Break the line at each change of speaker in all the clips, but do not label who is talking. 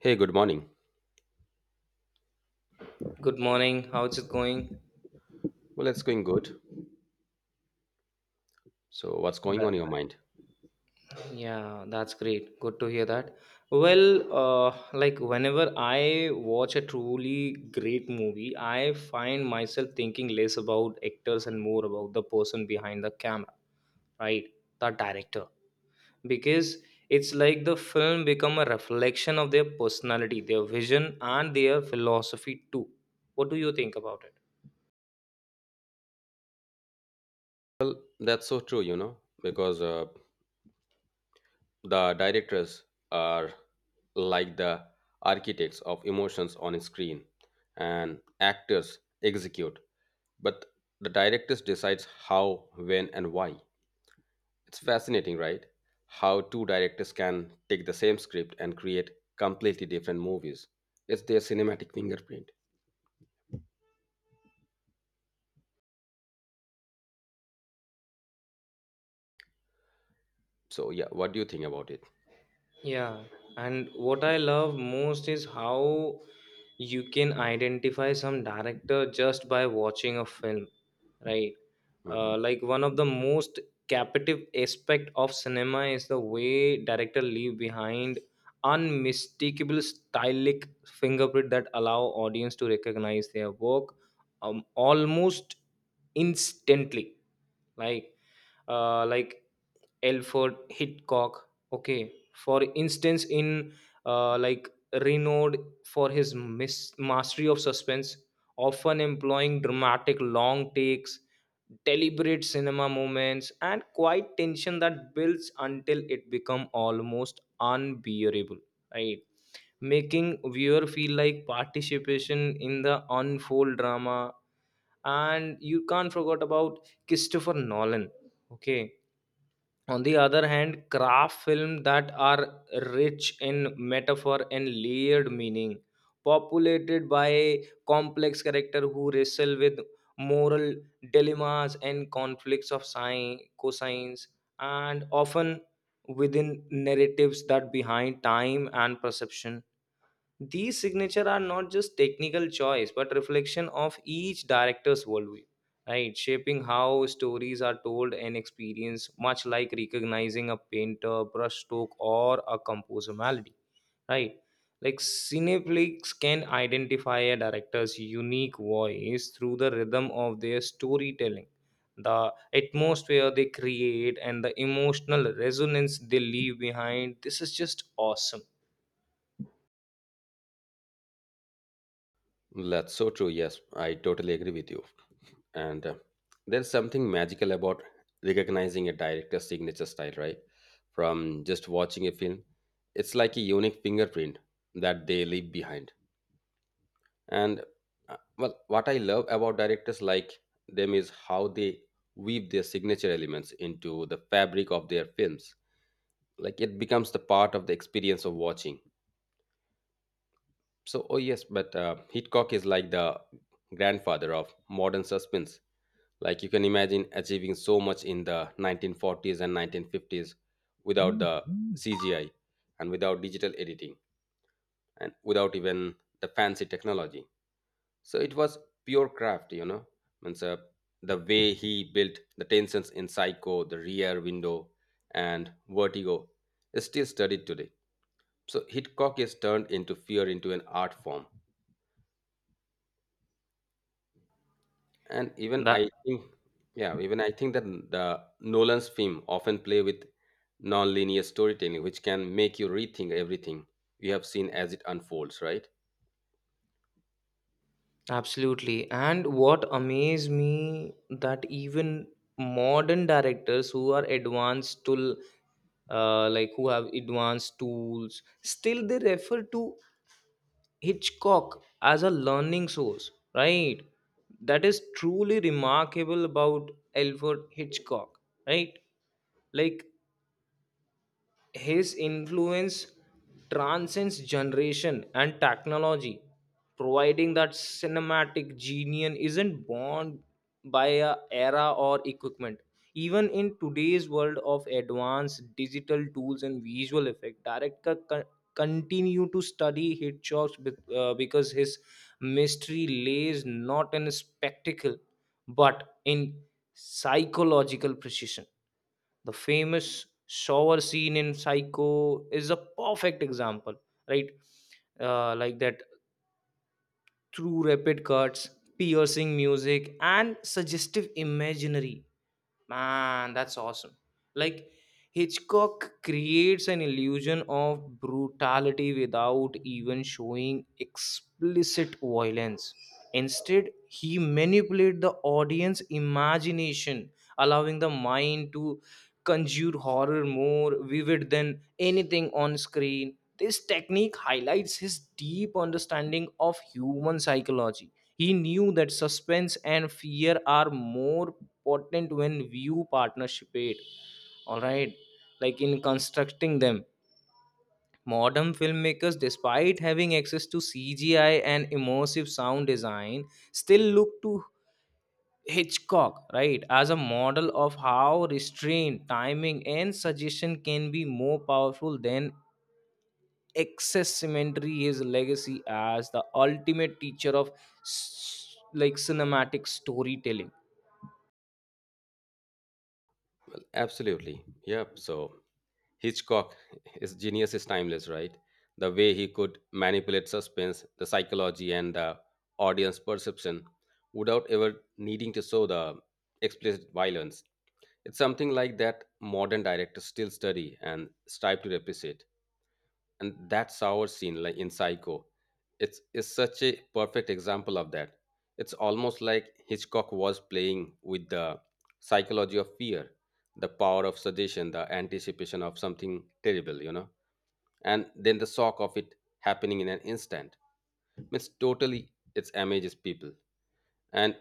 Hey, good morning.
Good morning. How's it going?
Well, it's going good. So, what's going on in
That,
your mind?
yeah, that's great. Good to hear that. Well, like whenever I watch a truly great movie, I find myself thinking less about actors and more about the person behind the camera, right? The director. Because it's like the film become a reflection of their personality, their vision, and their philosophy too. What do you think about it?
Well, that's so true, because the directors are like the architects of emotions on a screen, and actors execute, but the directors decides how, when, and why. It's fascinating, right? How two directors can take the same script and create completely different movies. It's their cinematic fingerprint. So, yeah, what do you think about it?
Yeah, and what I love most is how you can identify some director just by watching a film, right?
Mhm.
Like one of the most captive aspect of cinema is the way director leave behind unmistakable stylistic fingerprint that allow audience to recognize their work almost instantly. Like, like, Alfred Hitchcock. Okay, for instance, in uh, like renowned for his mastery of suspense, often employing dramatic long takes, deliberate cinema moments, and quiet tension that builds until it become almost unbearable. Right, making viewer feel like participation in the unfold drama. And you can't forget about Christopher Nolan. Okay, on the other hand, craft films that are rich in metaphor and layered meaning, populated by complex characters who wrestle with moral dilemmas and conflicts of science, cosines, and often within narratives that behind time and perception. These signature are not just technical choice, but reflection of each director's worldview, right? Shaping how stories are told and experienced, much like recognizing a painter, brushstroke, or a composer melody, right? Like Cineplex can identify a director's unique voice through the rhythm of their storytelling, the atmosphere they create, and the emotional resonance they leave behind. This is just awesome.
That's so true. Yes, I totally agree with you. And there's something magical about recognizing a director's signature style, right? From just watching a film, it's like a unique fingerprint that they leave behind. And well, what I love about directors like them is how they weave their signature elements into the fabric of their films. Like it becomes the part of the experience of watching. So, oh yes, but Hitchcock is like the grandfather of modern suspense. Like you can imagine achieving so much in the 1940s and 1950s without the CGI and without digital editing and without even the fancy technology. So it was pure craft. Means the way he built the tensions in Psycho, the Rear Window, and Vertigo is still studied today. So Hitchcock is turned into fear into an art form. And even
The
I think, yeah, even I think that the Nolan's film often play with non-linear storytelling, which can make you rethink everything you have seen as it unfolds, right?
Absolutely. And what amazed me that even modern directors who are advanced to who have advanced tools still they refer to Hitchcock as a learning source, right? That is truly remarkable about Alfred Hitchcock, right? Like his influence transcends generation and technology, providing that cinematic genius isn't bound by a era or equipment. Even in today's world of advanced digital tools and visual effect, continue to study Hitchcock because his mystery lays not in spectacle but in psychological precision. The famous shower scene in Psycho is a perfect example, right? Like that through rapid cuts, piercing music, and suggestive imaginary. Man, that's awesome. Like, Hitchcock creates an illusion of brutality without even showing explicit violence. Instead, he manipulates the audience imagination, allowing the mind to conjure horror more vivid than anything on screen. This technique highlights his deep understanding of human psychology. He knew that suspense and fear are more potent when view participate. All right, like in constructing them. Modern filmmakers, despite having access to CGI and immersive sound design, still look to Hitchcock, right, as a model of how restraint, timing, and suggestion can be more powerful than excess accessimentary his legacy as the ultimate teacher of s- like cinematic storytelling.
Well, absolutely. Yep. So Hitchcock, his genius is timeless, right? The way he could manipulate suspense, the psychology, and the audience perception without ever needing to show the explicit violence. It's something like that modern directors still study and strive to replicate. And that's our scene, like in Psycho, it's is such a perfect example of that. It's almost like Hitchcock was playing with the psychology of fear, the power of suggestion, the anticipation of something terrible, and then the shock of it happening in an instant. Means totally it amages people. And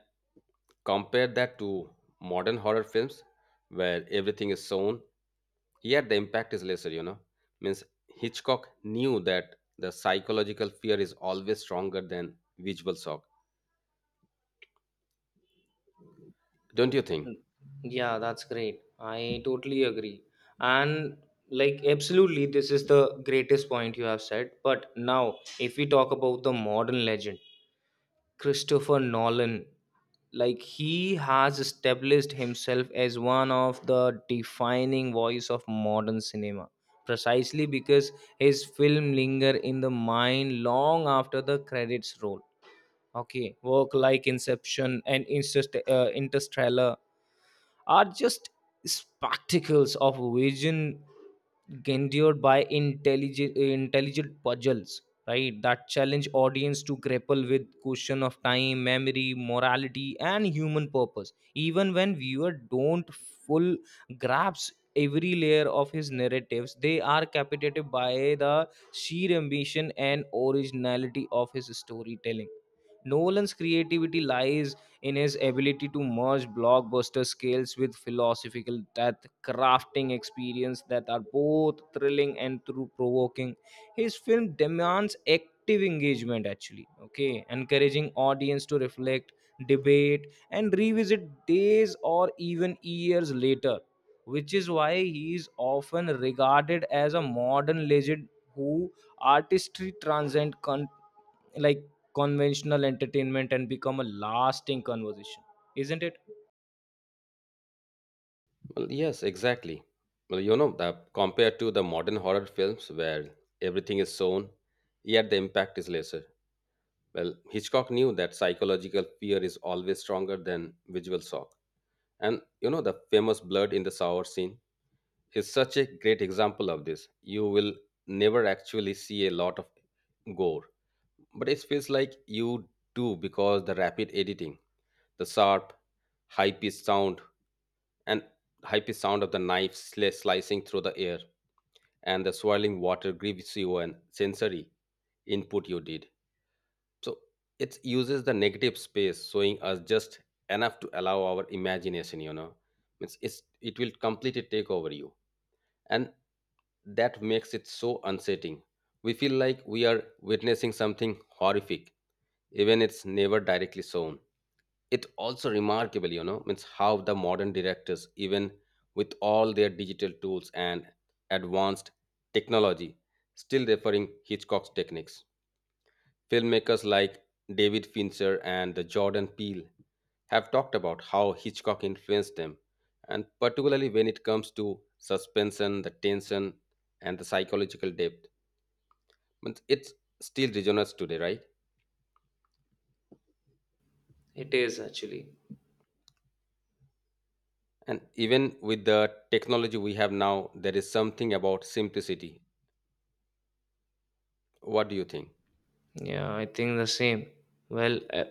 compare that to modern horror films where everything is shown here, the impact is lesser. Means Hitchcock knew that the psychological fear is always stronger than visual shock. Don't you think?
Mm. Yeah, that's great. I totally agree. And like, absolutely, this is the greatest point you have said. But now, if we talk about the modern legend, Christopher Nolan. Like he has established himself as one of the defining voice of modern cinema, precisely because his film linger in the mind long after the credits roll. Okay, work like inception and interstellar are just spectacles of vision, endured by intelligent puzzles, right, that challenge audience to grapple with question of time, memory, morality, and human purpose. Even when viewer don't full grasp every layer of his narratives, they are captivated by the sheer ambition and originality of his storytelling. Nolan's creativity lies in his ability to merge blockbuster scales with philosophical depth, crafting experience that are both thrilling and through provoking. His film demands active engagement actually, okay, encouraging audience to reflect, debate, and revisit days or even years later, which is why he is often regarded as a modern legend who artistry transcends like conventional entertainment and become a lasting conversation, isn't it?
Well, yes, exactly. Well, compared to the modern horror films where everything is shown, yet the impact is lesser. Well, Hitchcock knew that psychological fear is always stronger than visual shock. And the famous blood in the shower scene is such a great example of this. You will never actually see a lot of gore, but it feels like you do because the rapid editing, the sharp, high-pitched sound, and high-pitched sound of the knife slicing through the air, and the swirling water gives you an sensory input you did. So it uses the negative space, showing us just enough to allow our imagination. It will completely take over you, and that makes it so unsettling. We feel like we are witnessing something horrific, even it's never directly shown. It also remarkable, means how the modern directors, even with all their digital tools and advanced technology, still referring Hitchcock's techniques. Filmmakers like David Fincher and Jordan Peele have talked about how Hitchcock influenced them, and particularly when it comes to suspension, the tension, and the psychological depth, means it still resonates today, right?
It is actually.
And even with the technology we have now, there is something about simplicity. What do you think?
Yeah, I think the same. Well,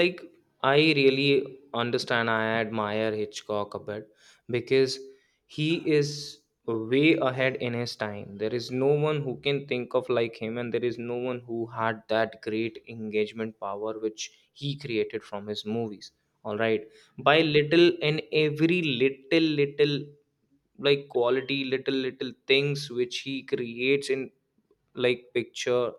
like I really understand. I admire Hitchcock a bit because he is way ahead in his time. There is no one who can think of like him, and there is no one who had that great engagement power which he created from his movies. All right, by little and every little little like quality little little things which he creates in like picture,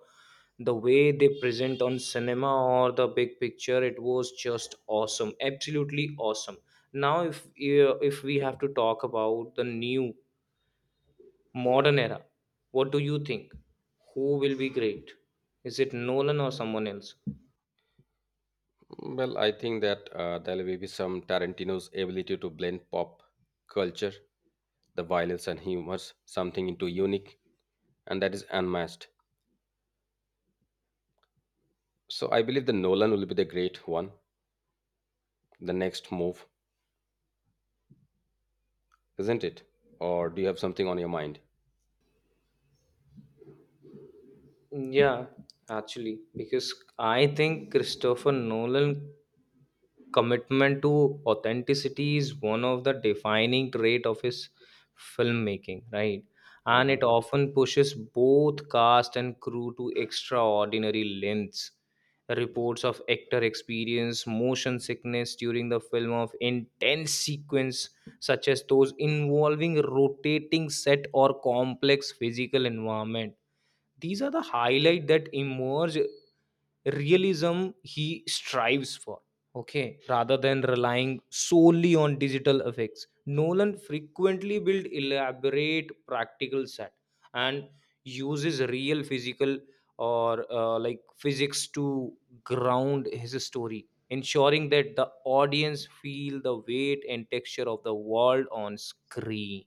the way they present on cinema or the big picture, it was just awesome, absolutely awesome. Now if we have to talk about the new modern era, what do you think, who will be great? Is it nolan or someone else?
Well, I think that there will be some Tarantino's ability to blend pop culture, the violence and humor, something into unique, and that is unmatched. So I believe the Nolan will be the great one, the next move, isn't it? Or do you have something on your mind?
Yeah, actually, because I think christopher nolan commitment to authenticity is one of the defining trait of his filmmaking, right, and
Mhm.
it often pushes both cast and crew to extraordinary lengths. Reports of actor experience motion sickness during the film of intense sequence such as those involving rotating set or complex physical environment, these are the highlight that emerge realism he strives for. Okay, rather than relying solely on digital effects, nolan frequently built elaborate practical set and uses real physical or physics to ground his story, ensuring that the audience feel the weight and texture of the world on screen.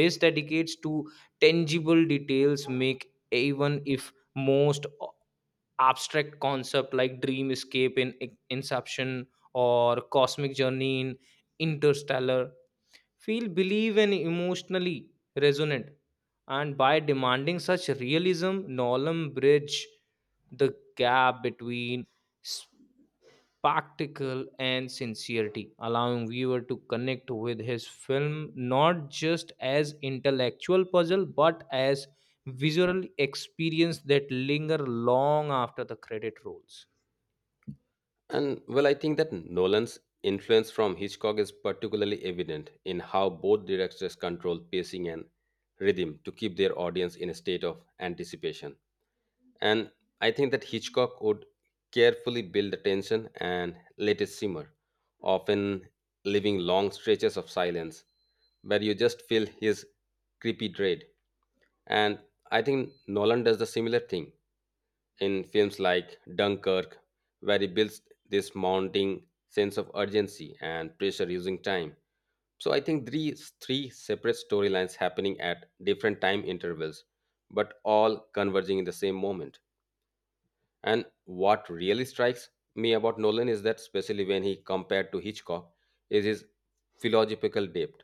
This dedicates to tangible details make even if most abstract concept like dream escape in inception or cosmic journey in interstellar feel believe and emotionally resonant. And by demanding such realism, nolan bridge the gap between spectacle and sincerity, allowing viewer to connect with his film not just as intellectual puzzle but as visual experience that linger long after the credit rolls.
And well, I think that Nolan's influence from Hitchcock is particularly evident in how both directors control pacing and rhythm to keep their audience in a state of anticipation. And I think that Hitchcock would carefully build the tension and let it simmer, often leaving long stretches of silence where you just feel his creepy dread. And I think Nolan does the similar thing in films like Dunkirk, where he builds this mounting sense of urgency and pressure using time. So I think these three separate storylines happening at different time intervals, but all converging in the same moment. And what really strikes me about Nolan is that, especially when he compared to Hitchcock, is his philosophical depth.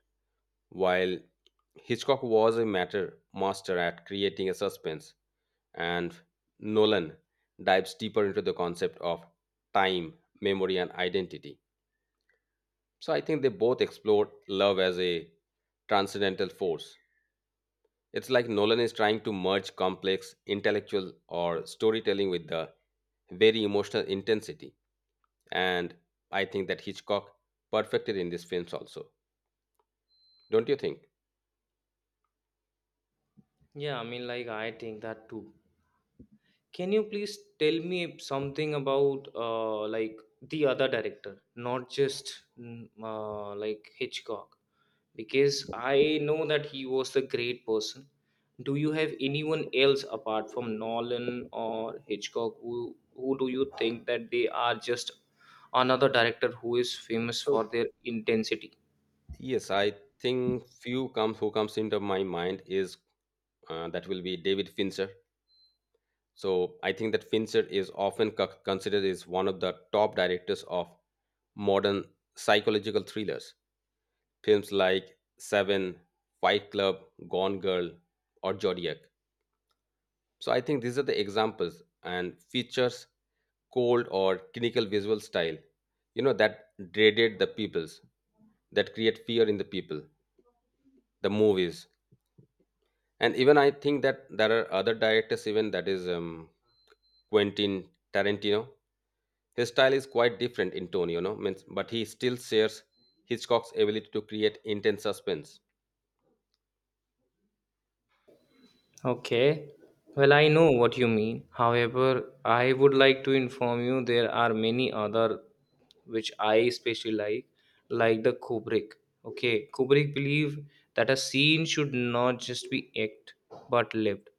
While Hitchcock was a matter master at creating a suspense, and Nolan dives deeper into the concept of time, memory, and identity. So I think they both explored love as a transcendental force. It's like Nolan is trying to merge complex intellectual or storytelling with the very emotional intensity, and I think that Hitchcock perfected in these films also. Don't you think?
Yeah, I mean like I think that too. Can you please tell me something about the other director, not just Hitchcock? Because I know that he was a great person. Do you have anyone else apart from Nolan or Hitchcock who do you think that they are just another director who is famous
So
for their intensity?
yes, I think few comes who comes into my mind is that will be David Fincher. So I think that Fincher is often considered as one of the top directors of modern psychological thrillers. Films like Seven, Fight Club, Gone Girl, or Zodiac. So I think these are the examples and features cold or clinical visual style, you know, that dreaded the peoples, that create fear in the people, the movies. And even I think that there are other directors, even that is Quentin Tarantino. His style is quite different in tone, you know, means, but he still shares Hitchcock's ability to create intense suspense.
Okay.
So,
Well, I know what you mean. However, I would like to inform you there are many other which I especially like the Kubrick. Okay, Kubrick believed that a scene should not just be act but lived,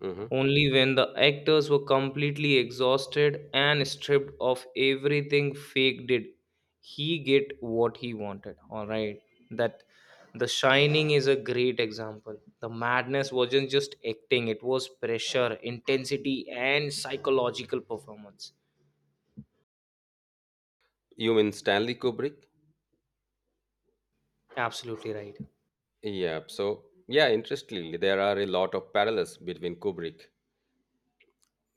mhm.
only when the actors were completely exhausted and stripped of everything fake did he get what he wanted. All right, that the shining is a great example. The madness wasn't just acting, it was pressure, intensity, and psychological performance.
You mean Stanley Kubrick?
Absolutely right.
Yeah. So, yeah, interestingly, there are a lot of parallels between Kubrick.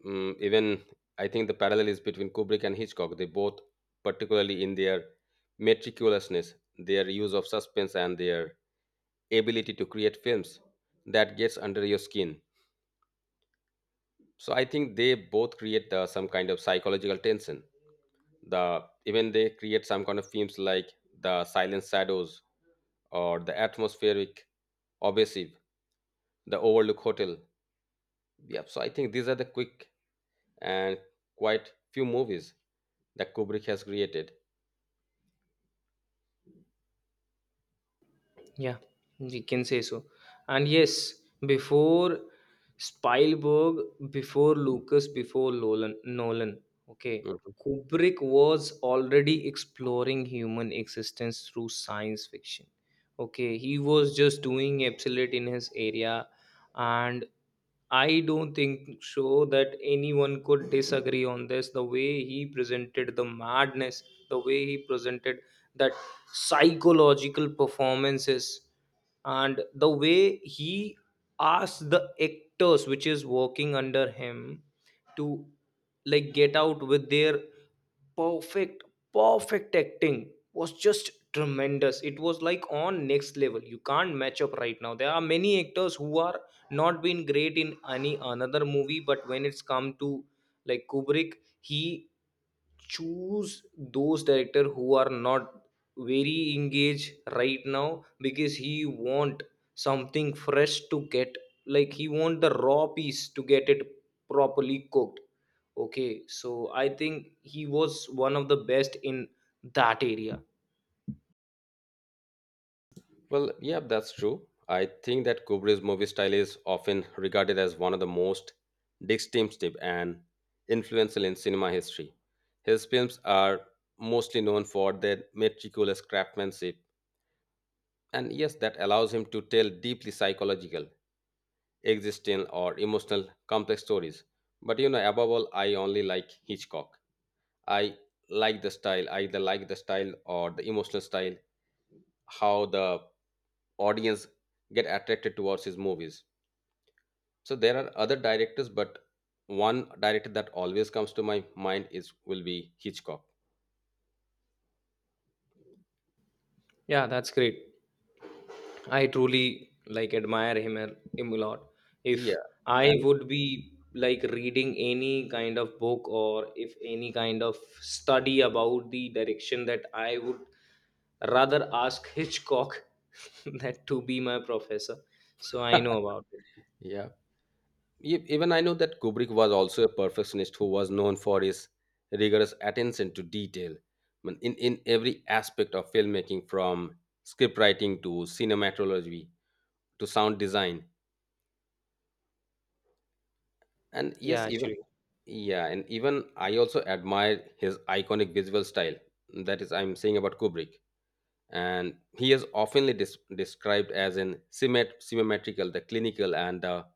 Even I think the parallel is between Kubrick and Hitchcock. They both, particularly in their meticulousness, their use of suspense, and their ability to create films that gets under your skin. So I think they both create some kind of psychological tension. The even they create some kind of films like the Silent Shadows, or the atmospheric, obsessive, the Overlook Hotel. Yeah, so I think these are the quick and quite few movies that Kubrick has created.
Yeah, we can say so. And yes, before Spielberg, before Lucas, before Nolan, okay,
Mm.
Kubrick was already exploring human existence through science fiction. Okay, he was just doing absolute in his area, and I don't think so that anyone could disagree on this. The way he presented the madness, the way he presented that psychological performances, and the way he asked the actors which is working under him to like get out with their perfect, perfect acting was just tremendous. It was like on next level. You can't match up right now. There are many actors who are not been great in any another movie, but when it's come to like kubrick, he choose those director who are not very engaged right now because he want something fresh to get, like he want the raw piece to get it properly cooked. Okay, so I think he was one of the best in that area.
Well, yeah, that's true. I think that Kubrick's movie style is often regarded as one of the most distinctive and influential in cinema history. His films are mostly known for their meticulous craftsmanship, and yes, that allows him to tell deeply psychological, existential, or emotional complex stories. But you know, above all, I only like Hitchcock. I like the style. I either like the style or the emotional style, how the audience get attracted towards his movies. So there are other directors, but one director that always comes to my mind is will be Hitchcock.
Yeah, that's great. I truly like admire him a lot.
Yeah,
If I
and
would be like reading any kind of book or if any kind of study about the direction, that I would rather ask Hitchcock that to be my professor. So I know about it.
yeah, even I know that Kubrick was also a perfectionist who was known for his rigorous attention to detail. I mean, in every aspect of filmmaking, from script writing to cinematography to sound design. And
Yeah,
yes, even
actually.
yeah, and even I also admire his iconic visual style. That is, I'm saying about Kubrick. And he is oftenly described as an symmetrical, the clinical, and the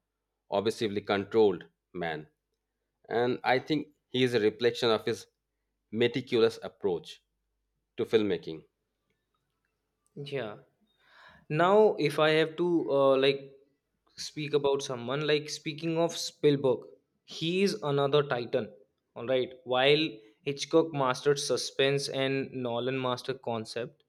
obsessively controlled man. And I think he is a reflection of his meticulous approach to filmmaking.
Yeah. Now, if I have to speak about someone, like speaking of Spielberg, he is another titan. All right, while Hitchcock mastered suspense and Nolan mastered concept,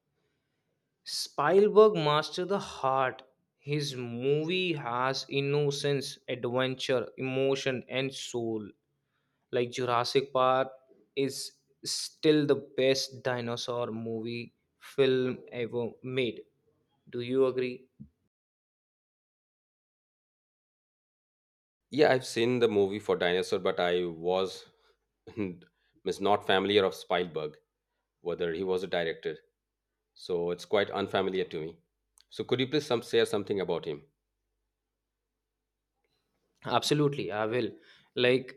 Spielberg mastered the heart. His movie has innocence, adventure, emotion, and soul. Like Jurassic Park is still the best dinosaur movie film ever made. Do you agree?
Yeah, I've seen the movie for Dinosaur, but I was was not familiar of Spielberg, whether he was a director. So it's quite unfamiliar to me. So could you please some share something about him?
Absolutely, I will. Like,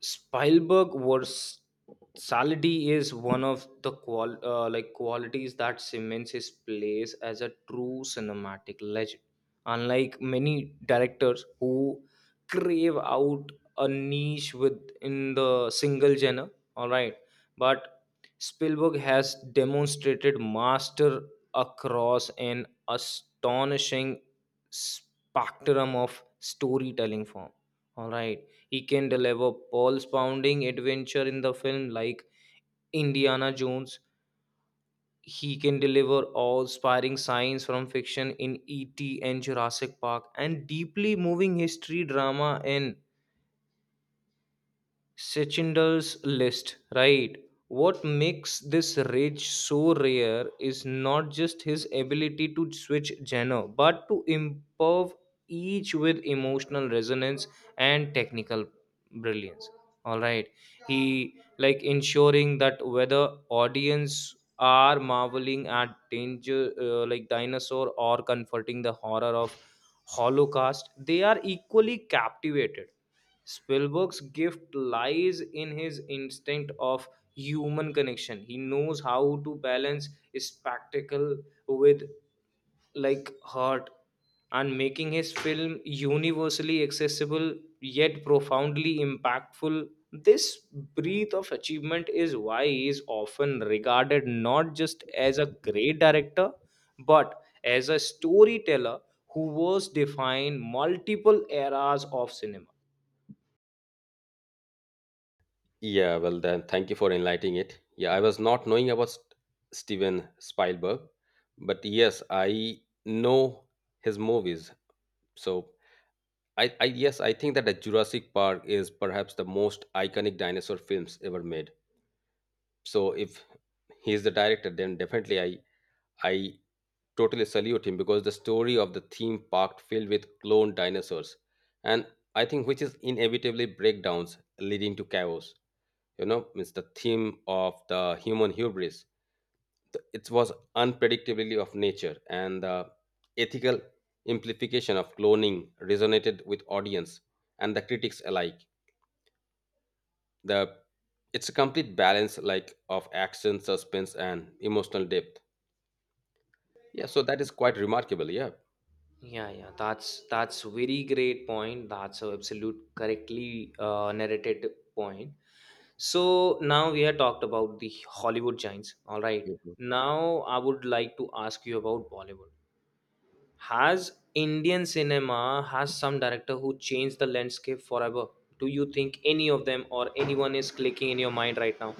Spielberg versatility is one of the qualities that cements his place as a true cinematic legend. Unlike many directors who crave out a niche within the single genre, all right, but Spielberg has demonstrated master across an astonishing spectrum of storytelling form. All right, he can deliver pulse pounding adventure in the film like Indiana Jones. He can deliver awe inspiring science from fiction in E.T. and Jurassic Park, and deeply moving history drama in Sechinder's list, right? What makes this rage so rare is not just his ability to switch genre, but to improve each with emotional resonance and technical brilliance. All right, he like ensuring that whether audience are marveling at danger, like dinosaur, or comforting the horror of Holocaust, they are equally captivated. Spielberg's gift lies in his instinct of human connection. He knows how to balance spectacle with like heart, and making his film universally accessible yet profoundly impactful. This breath of achievement is why he is often regarded not just as a great director but as a storyteller who was defined multiple eras of cinema.
Yeah, well then, thank you for enlightening it. Yeah, I was not knowing about Steven Spielberg, but yes, I know his movies. So I yes, I think that the Jurassic Park is perhaps the most iconic dinosaur films ever made. So if he is the director, then definitely I totally salute him because the story of the theme park filled with cloned dinosaurs, and I think which is inevitably breakdowns leading to chaos, you know, it's the theme of the human hubris. The, it was unpredictability of nature and the ethical implication of cloning resonated with audience and the critics alike. The, it's a complete balance like of action suspense and emotional depth. Yeah, so that is quite remarkable, yeah.
Yeah, that's very great point. That's a absolute correctly narrated point. So now we have talked about the Hollywood giants. All right.
Mhm.
Now I would like to ask you about Bollywood. Has Indian cinema has some director who changed the landscape forever? Do you think any of them or anyone is clicking in your mind right now?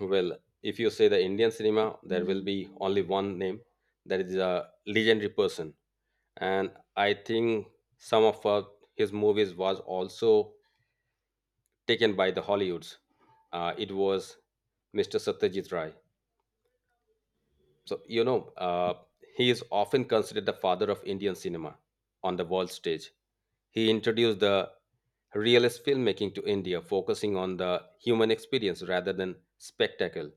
Well, if you say the Indian cinema, there will be only one name, that is a legendary person, and I think some of his movies was also taken by the Hollywoods. It was Mr. Satyajit Ray. So you know, he is often considered the father of Indian cinema on the world stage. He introduced the realist filmmaking to India, focusing on the human experience rather than spectacle.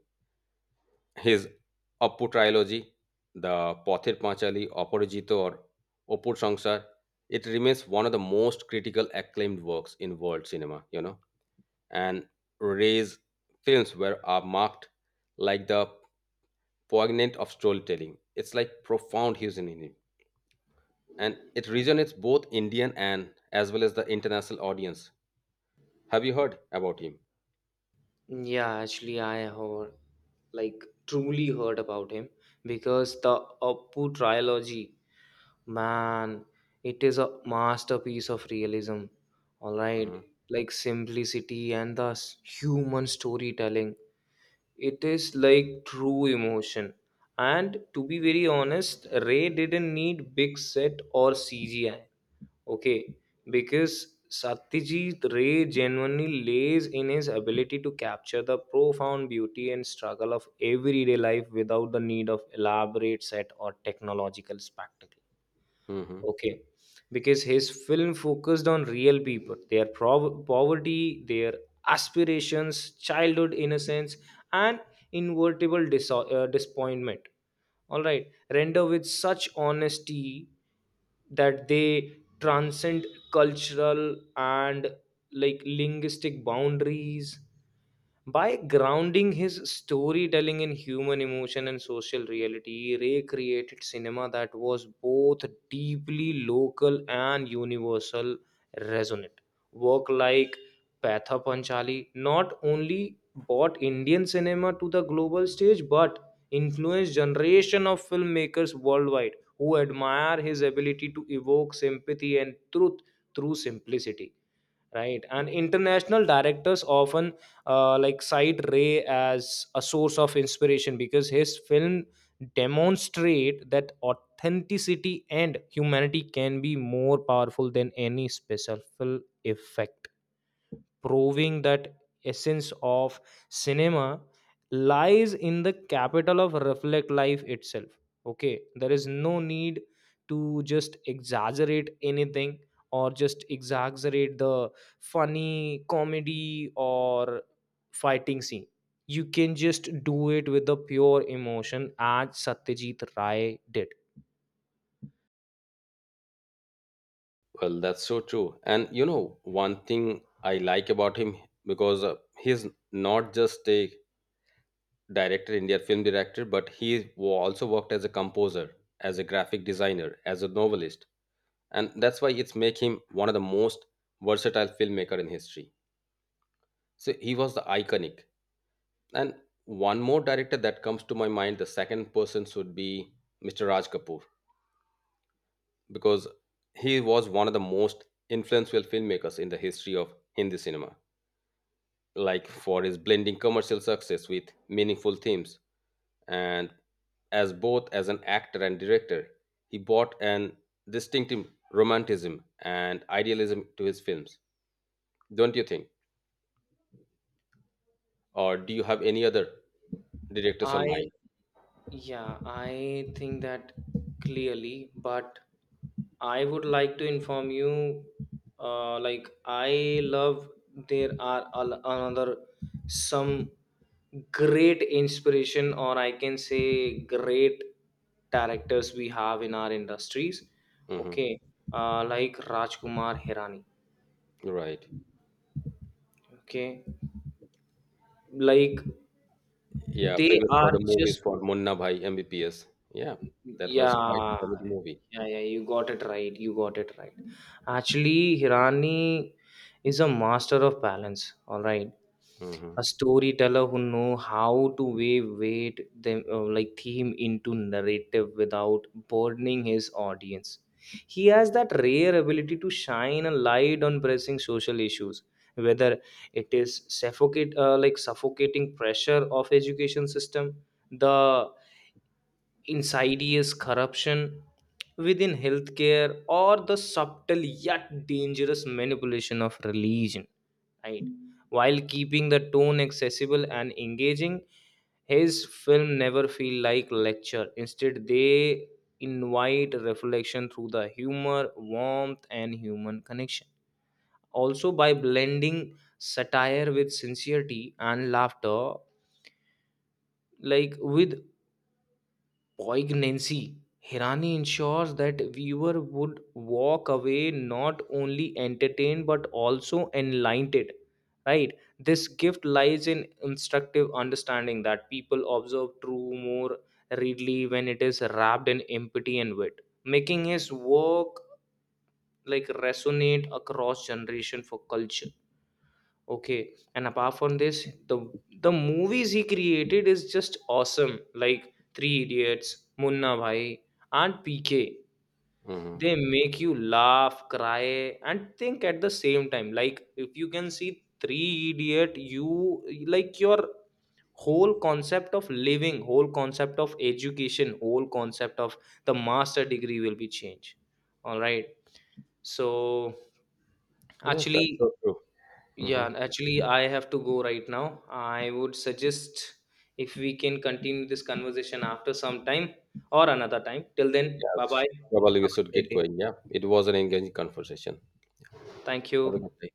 His Oppu trilogy, the Pother Panchali, Opporjito, or Oppu Sangsar, it remains one of the most critical acclaimed works in world cinema, you know. And Ray's films were are marked like the poignant of storytelling. It's like profound hues in it. And it resonates both Indian and as well as the international audience. Have you heard about him?
Yeah, actually, I heard like truly heard about him because the Appu trilogy, man, it is a masterpiece of realism. All right, like simplicity and human storytelling. It is like true emotion. And to be very honest, Ray didn't need big set or CGI. Okay, because Satyajit Ray genuinely lays in his ability to capture the profound beauty and struggle of everyday life without the need of elaborate set or technological spectacle.
Hmm.
Okay, because his film focused on real people, their poverty, their aspirations, childhood innocence, and invertible disappointment. All right, render with such honesty that they transcend cultural and like linguistic boundaries. By grounding his storytelling in human emotion and social reality, Ray created cinema that was both deeply local and universal resonant. Work like Patha Panchali not only brought Indian cinema to the global stage but influenced generation of filmmakers worldwide who admire his ability to evoke sympathy and truth through simplicity, right? And international directors often like cite Ray as a source of inspiration because his film demonstrate that authenticity and humanity can be more powerful than any special effect, proving that essence of cinema lies in the capital of reflect life itself. Okay, there is no need to just exaggerate anything or just exaggerate the funny comedy or fighting scene. You can just do it with the pure emotion as Satyajit Ray did.
Well, that's so true. And you know, one thing I like about him because he's not just a director, Indian film director, but he also worked as a composer, as a graphic designer, as a novelist, and that's why it's make him one of the most versatile filmmaker in history. So he was the iconic. And one more director that comes to my mind, the second person should be Mr. Raj Kapoor, because he was one of the most influential filmmakers in the history of Hindi cinema, like for his blending commercial success with meaningful themes, and as both as an actor and director, he brought an distinctive romanticism and idealism to his films. Don't you think? Or do you have any other directors on
I...
mind?
yeah, I think that clearly, but I would like to inform you like I love there are another some great inspiration, or I can say great directors we have in our industries.
Hmm.
Okay. Like Rajkumar Hirani.
Right.
Okay, like
Yeah,
they
famous for
are
the movies
just...
for Munna Bhai MBBPS. Yeah. That was quite a
yeah,
comedy movie.
yeah. You got it right. You got it right. Actually, Hirani is a master of balance. All right,
Hmm.
a storyteller who know how to wave weight them like theme into narrative without burdening his audience. He has that rare ability to shine a light on pressing social issues, whether it is suffocate like suffocating pressure of education system, the insidious corruption within healthcare, or the subtle yet dangerous manipulation of religion, right? While keeping the tone accessible and engaging, his film never feel like lecture. Instead they invite reflection through the humor, warmth and human connection. Also by blending satire with sincerity and laughter, like with poignancy, Hirani ensures that viewer would walk away not only entertained but also enlightened. Right? This gift lies in instructive understanding that people observe true more readily when it is wrapped in empathy and wit, making his work like resonate across generation for culture. Okay, and apart from this, the movies he created is just awesome. Like Three Idiots, Munna Bhai, and PK.
Hmm.
They make you laugh, cry, and think at the same time. Like if you can see Three Idiot, you like your whole concept of living, whole concept of education, whole concept of the master degree will be changed. All right. So
Yes,
actually...
that's so true.
yeah,
Hmm.
and actually, I have to go right now. I would suggest if we can continue this conversation after some time or another time. Till then,
Yes,
bye bye.
probably we
Have a
should
great
get
day.
going. Yeah, it was an engaging conversation.
Thank
Have a good
you.
day.